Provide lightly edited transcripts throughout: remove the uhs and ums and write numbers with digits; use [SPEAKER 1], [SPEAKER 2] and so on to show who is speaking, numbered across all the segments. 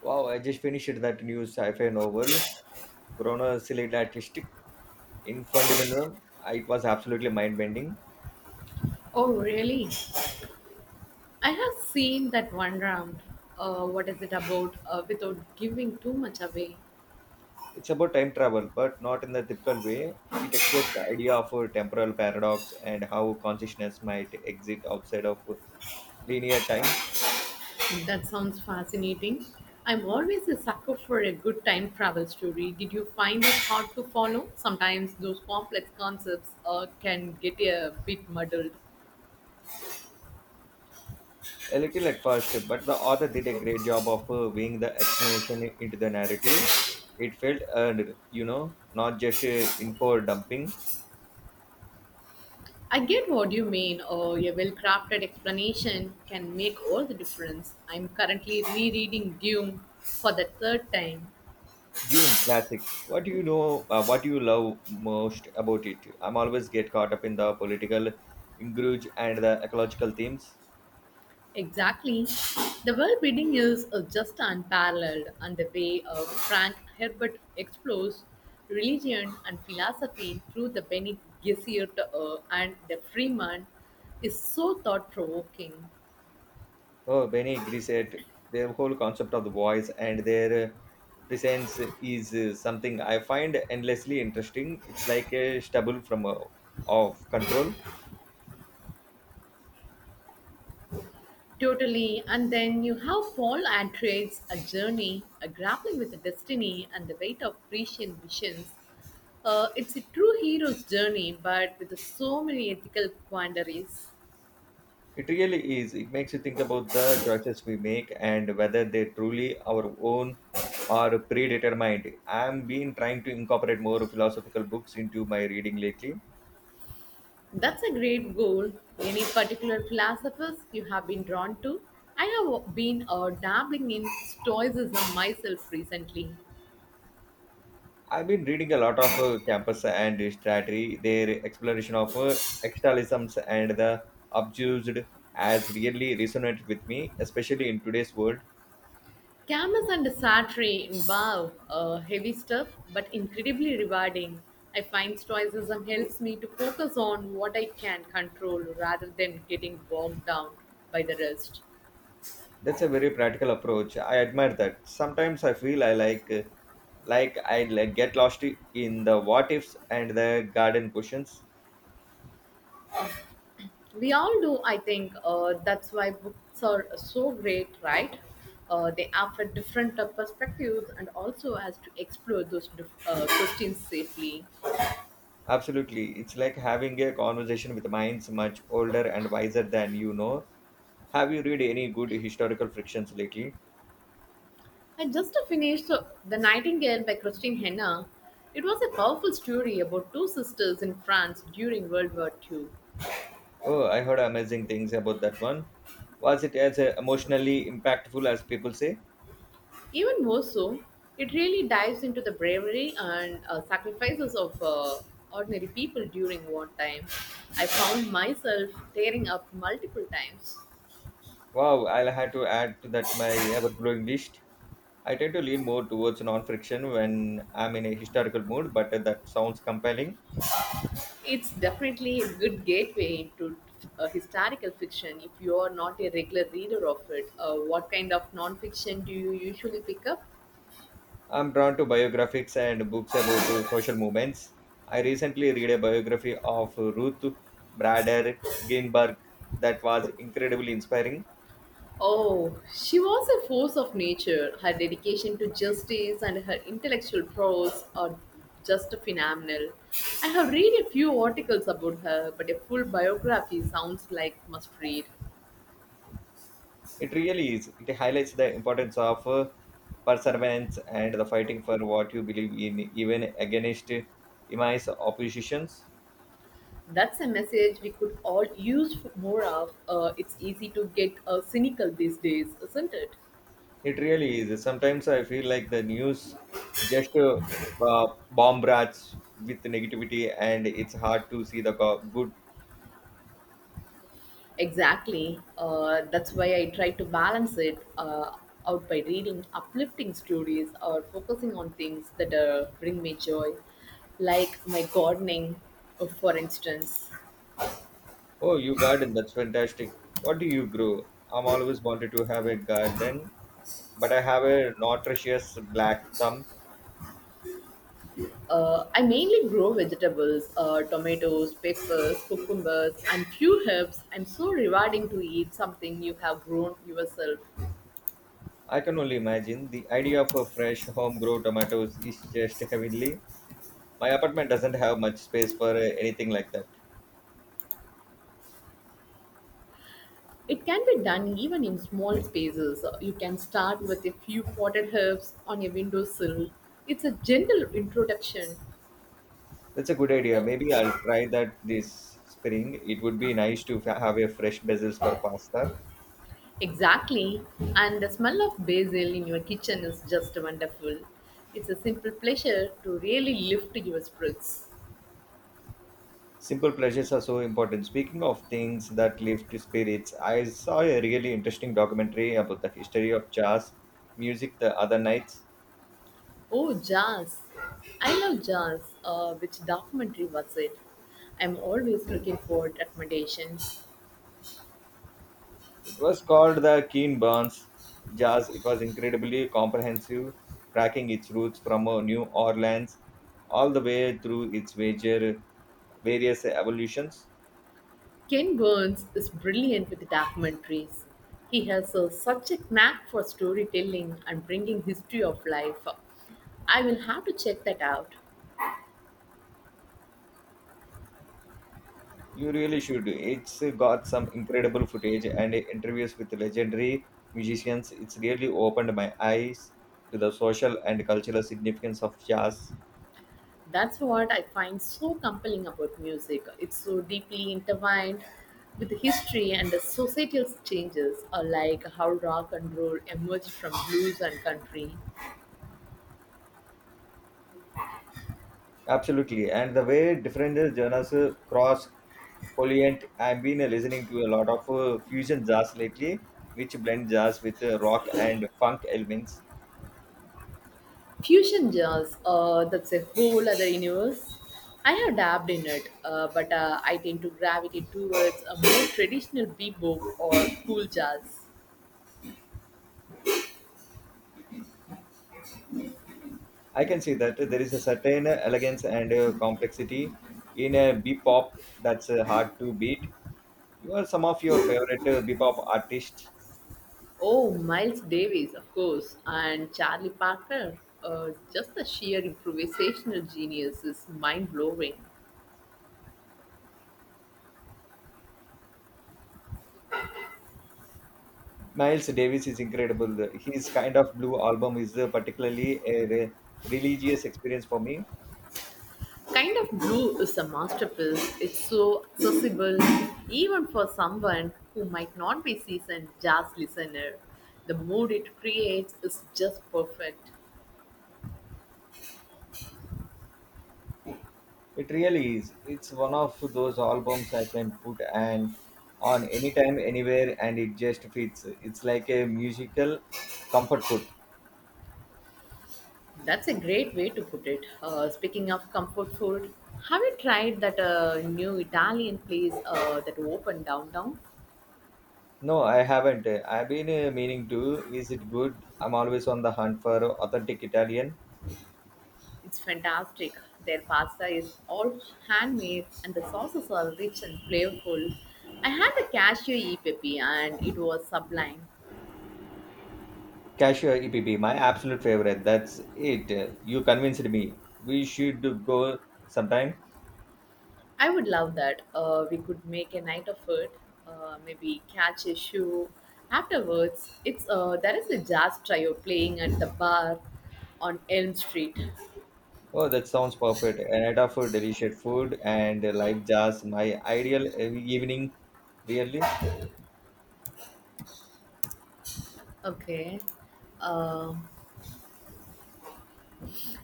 [SPEAKER 1] Wow, I just finished that new sci-fi novel, Chronosilid Artistic, in Fundamental. It was absolutely mind-bending.
[SPEAKER 2] Oh, really? I have seen that one round. What is it about without giving too much away?
[SPEAKER 1] It's about time travel, but not in the typical way. It explores the idea of a temporal paradox and how consciousness might exist outside of linear time.
[SPEAKER 2] That sounds fascinating. I'm always a sucker for a good time travel story. Did you find it hard to follow? Sometimes those complex concepts can get a bit muddled.
[SPEAKER 1] A little at first, but the author did a great job of weaving the explanation into the narrative. It felt earned, you know, not just info dumping.
[SPEAKER 2] I get what you mean. A well crafted explanation can make all the difference. I'm currently rereading Dune for the third time.
[SPEAKER 1] Dune classic. What do you know? What do you love most about it? I'm always get caught up in the political ingrudge and the ecological themes.
[SPEAKER 2] Exactly. The world building is just unparalleled, and the way Frank Herbert explores religion and philosophy through the Bene Gesserit and the Freeman is so thought provoking.
[SPEAKER 1] Oh, Benny Grisette, their whole concept of the voice and their presence is something I find endlessly interesting. It's like a stubble from of control.
[SPEAKER 2] Totally. And then you have Paul Atreides, a journey, a grappling with the destiny and the weight of Grecian visions. It's a true hero's journey, but with so many ethical quandaries.
[SPEAKER 1] It really is. It makes you think about the choices we make and whether they're truly our own or predetermined. I've been trying to incorporate more philosophical books into my reading lately.
[SPEAKER 2] That's a great goal. Any particular philosophers you have been drawn to? I have been dabbling in Stoicism myself recently.
[SPEAKER 1] I've been reading a lot of Campus and Strategy, their exploration of externalisms and the abused has really resonated with me, especially in today's world.
[SPEAKER 2] Camus and Sartre involve heavy stuff, but incredibly rewarding. I find Stoicism helps me to focus on what I can control rather than getting bogged down by the rest.
[SPEAKER 1] That's a very practical approach. I admire that. Sometimes I feel I like I like get lost in the what ifs and the garden questions.
[SPEAKER 2] We all do, I think. That's why books are so great, right? They offer different perspectives and also has to explore those questions safely.
[SPEAKER 1] Absolutely, it's like having a conversation with minds much older and wiser than you know. Have you read any good historical frictions lately?
[SPEAKER 2] I just finished the Nightingale by Christine Henna. It was a powerful story about two sisters in France during World War Two.
[SPEAKER 1] Oh, I heard amazing things about that one. Was it as emotionally impactful as people say?
[SPEAKER 2] Even more so, it really dives into the bravery and sacrifices of ordinary people during wartime. I found myself tearing up multiple times.
[SPEAKER 1] Wow, I'll have to add to that my ever-growing list. I tend to lean more towards non-friction when I'm in a historical mood, but that sounds compelling.
[SPEAKER 2] It's definitely a good gateway into historical fiction if you are not a regular reader of it. What kind of nonfiction do you usually pick up?
[SPEAKER 1] I'm drawn to biographies and books about social movements. I recently read a biography of Ruth Bader Ginsburg that was incredibly inspiring.
[SPEAKER 2] Oh, she was a force of nature. Her dedication to justice and her intellectual prose are just phenomenal. I have read a few articles about her, but a full biography sounds like must read.
[SPEAKER 1] It really is. It highlights the importance of perseverance and the fighting for what you believe in, even against immense oppositions.
[SPEAKER 2] That's a message we could all use more of. It's easy to get cynical these days, isn't it?
[SPEAKER 1] It really is. Sometimes I feel like the news just bombards with negativity, and it's hard to see the good.
[SPEAKER 2] Exactly. That's why I try to balance it out by reading uplifting stories or focusing on things that bring me joy, like my gardening, for instance.
[SPEAKER 1] Oh, you garden, that's fantastic. What do you grow? I'm always wanted to have a garden, but I have a nutritious black thumb.
[SPEAKER 2] I mainly grow vegetables, tomatoes, peppers, cucumbers, and few herbs. I'm so rewarding to eat something you have grown yourself.
[SPEAKER 1] I can only imagine the idea of a fresh homegrown tomatoes is just heavenly. My apartment doesn't have much space for anything like that.
[SPEAKER 2] It can be done even in small spaces. You can start with a few potted herbs on a windowsill. It's a gentle introduction.
[SPEAKER 1] That's a good idea. Maybe I'll try that this spring. It would be nice to have a fresh basil for pasta.
[SPEAKER 2] Exactly. And the smell of basil in your kitchen is just wonderful. It's a simple pleasure to really lift your spirits.
[SPEAKER 1] Simple pleasures are so important. Speaking of things that lift spirits, I saw a really interesting documentary about the history of jazz music the other nights.
[SPEAKER 2] Oh, jazz. I love jazz. Which documentary was it? I'm always looking for recommendations.
[SPEAKER 1] It was called the Keen Burns Jazz. It was incredibly comprehensive, tracking its roots from New Orleans all the way through its major various evolutions.
[SPEAKER 2] Ken Burns is brilliant with documentaries. He has a, such a knack for storytelling and bringing history of life. I will have to check that out.
[SPEAKER 1] You really should. It's got some incredible footage and interviews with legendary musicians. It's really opened my eyes to the social and cultural significance of jazz.
[SPEAKER 2] That's what I find so compelling about music. It's so deeply intertwined with history and the societal changes, like how rock and roll emerged from blues and country.
[SPEAKER 1] Absolutely. And the way different genres cross polient. I've been listening to a lot of fusion jazz lately, which blend jazz with rock and funk elements.
[SPEAKER 2] Fusion jazz, that's a whole other universe. I have dabbed in it, but I tend to gravitate towards a more traditional bebop or cool jazz.
[SPEAKER 1] I can see that there is a certain elegance and complexity in a bebop that's hard to beat. You are some of your favorite bebop artists.
[SPEAKER 2] Oh, Miles Davis, of course, and Charlie Parker. Just the sheer improvisational genius is mind blowing.
[SPEAKER 1] Miles Davis is incredible. His kind of blue album is particularly a religious experience for me.
[SPEAKER 2] Kind of Blue is a masterpiece. It's so accessible, even for someone who might not be seasoned jazz listener. The mood it creates is just perfect.
[SPEAKER 1] It really is. It's one of those albums I can put and on anytime, anywhere, and it just fits. It's like a musical comfort food.
[SPEAKER 2] That's a great way to put it. Speaking of comfort food, have you tried that new Italian place that opened downtown?
[SPEAKER 1] No, I haven't. I've been meaning to. Is it good? I'm always on the hunt for authentic Italian.
[SPEAKER 2] It's fantastic. Their pasta is all handmade and the sauces are rich and flavorful. I had the cashew e pepe and it was sublime.
[SPEAKER 1] Cashier EPP, my absolute favorite. That's it. You convinced me. We should go sometime.
[SPEAKER 2] I would love that. We could make a night of it. Maybe catch a show afterwards. It's There is a jazz trio playing at the bar on Elm Street.
[SPEAKER 1] Oh, that sounds perfect. A night of delicious food and live jazz. My ideal evening, really.
[SPEAKER 2] Okay. Uh,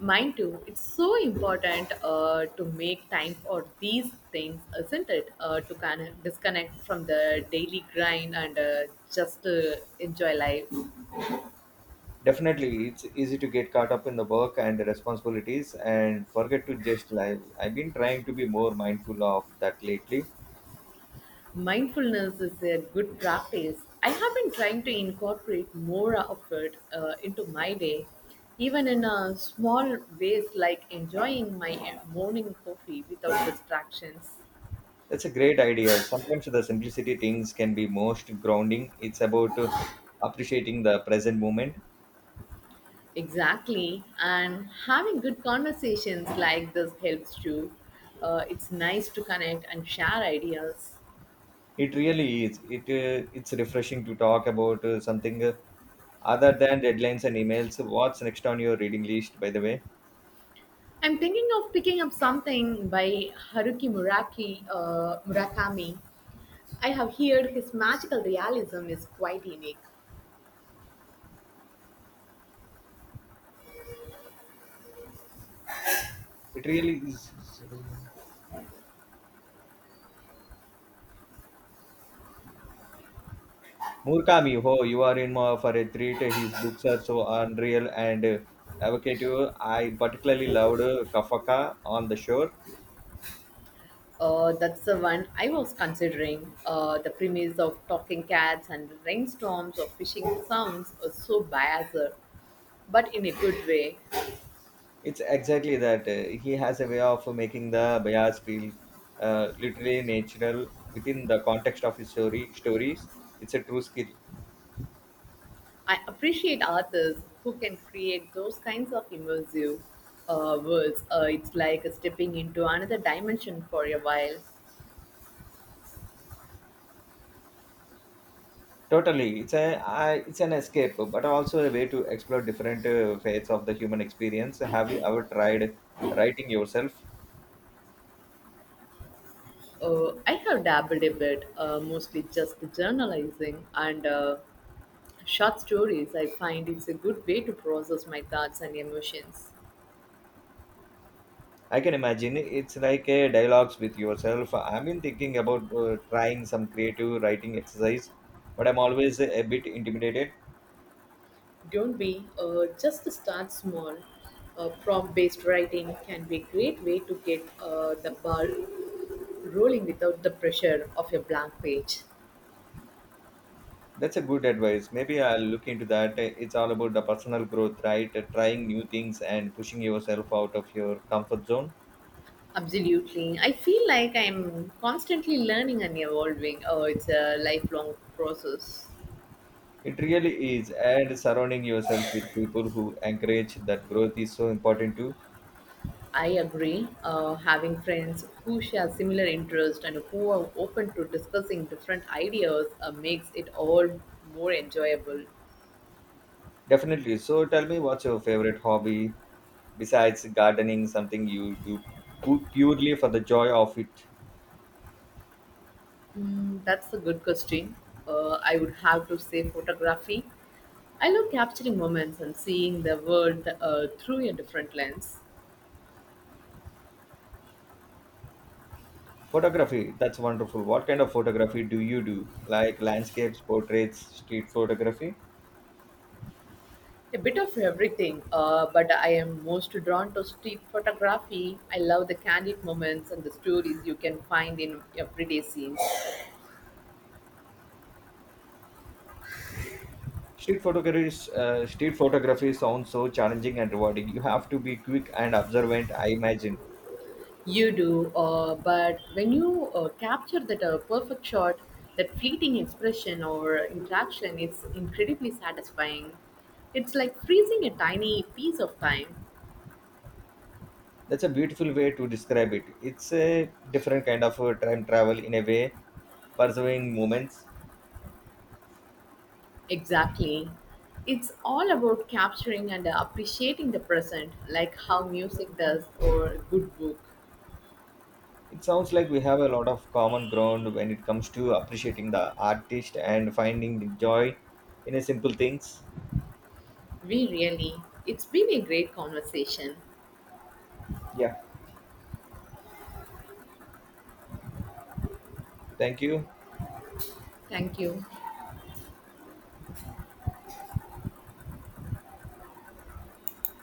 [SPEAKER 2] Mine too. It's so important to make time for these things, isn't it? To kind of disconnect from the daily grind and just enjoy life.
[SPEAKER 1] Definitely, it's easy to get caught up in the work and the responsibilities and forget to just live. I've been trying to be more mindful of that lately.
[SPEAKER 2] Mindfulness is a good practice. I have been trying to incorporate more of it into my day, even in small ways like enjoying my morning coffee without distractions.
[SPEAKER 1] That's a great idea. Sometimes the simplicity things can be most grounding. It's about appreciating the present moment.
[SPEAKER 2] Exactly. And having good conversations like this helps too. It's nice to connect and share ideas.
[SPEAKER 1] It really is. It's refreshing to talk about something other than deadlines and emails. What's next on your reading list, by the way?
[SPEAKER 2] I'm thinking of picking up something by Murakami. I have heard his magical realism is quite unique.
[SPEAKER 1] It really is. Murakami, oh, you are in more for a treat. His books are so unreal and evocative. I particularly loved Kafka on the Shore.
[SPEAKER 2] That's the one I was considering. The premise of talking cats and rainstorms or fishing sounds are so biased, but in a good way.
[SPEAKER 1] It's exactly that. He has a way of making the bias feel literally natural within the context of his story stories. It's a true skill.
[SPEAKER 2] I appreciate authors who can create those kinds of immersive worlds. It's like stepping into another dimension for a while.
[SPEAKER 1] Totally, it's an escape, but also a way to explore different fates of the human experience. Have you ever tried writing yourself?
[SPEAKER 2] I have dabbled a bit, mostly just journalizing and short stories. I find it's a good way to process my thoughts and emotions.
[SPEAKER 1] I can imagine it's like a dialogues with yourself. I've been thinking about trying some creative writing exercise, but I'm always a bit intimidated.
[SPEAKER 2] Don't be, just to start small. Prompt based writing can be a great way to get the ball rolling without the pressure of a blank page.
[SPEAKER 1] That's a good advice. Maybe I'll look into that. It's all about the personal growth, right? Trying new things and pushing yourself out of your comfort zone.
[SPEAKER 2] Absolutely. I feel like I'm constantly learning and evolving. Oh, it's a lifelong process.
[SPEAKER 1] It really is. And surrounding yourself with people who encourage that growth is so important too.
[SPEAKER 2] I agree. Having friends who share similar interests and who are open to discussing different ideas makes it all more enjoyable.
[SPEAKER 1] Definitely. So tell me what's your favorite hobby besides gardening, something you do purely for the joy of it?
[SPEAKER 2] Mm, that's a good question. I would have to say photography. I love capturing moments and seeing the world through a different lens.
[SPEAKER 1] Photography. That's wonderful. What kind of photography do you do? Like landscapes, portraits, street photography?
[SPEAKER 2] A bit of everything, but I am most drawn to street photography. I love the candid moments and the stories you can find in everyday scenes.
[SPEAKER 1] Street photography sounds so challenging and rewarding. You have to be quick and observant, I imagine.
[SPEAKER 2] You do, but when you capture that perfect shot, that fleeting expression or interaction, it's incredibly satisfying. It's like freezing a tiny piece of time.
[SPEAKER 1] That's a beautiful way to describe it. It's a different kind of time travel in a way, pursuing moments.
[SPEAKER 2] Exactly. It's all about capturing and appreciating the present, like how music does or a good book.
[SPEAKER 1] It sounds like we have a lot of common ground when it comes to appreciating the artist and finding the joy in a simple things.
[SPEAKER 2] We really. It's been a great conversation.
[SPEAKER 1] Yeah, thank you.
[SPEAKER 2] Thank you.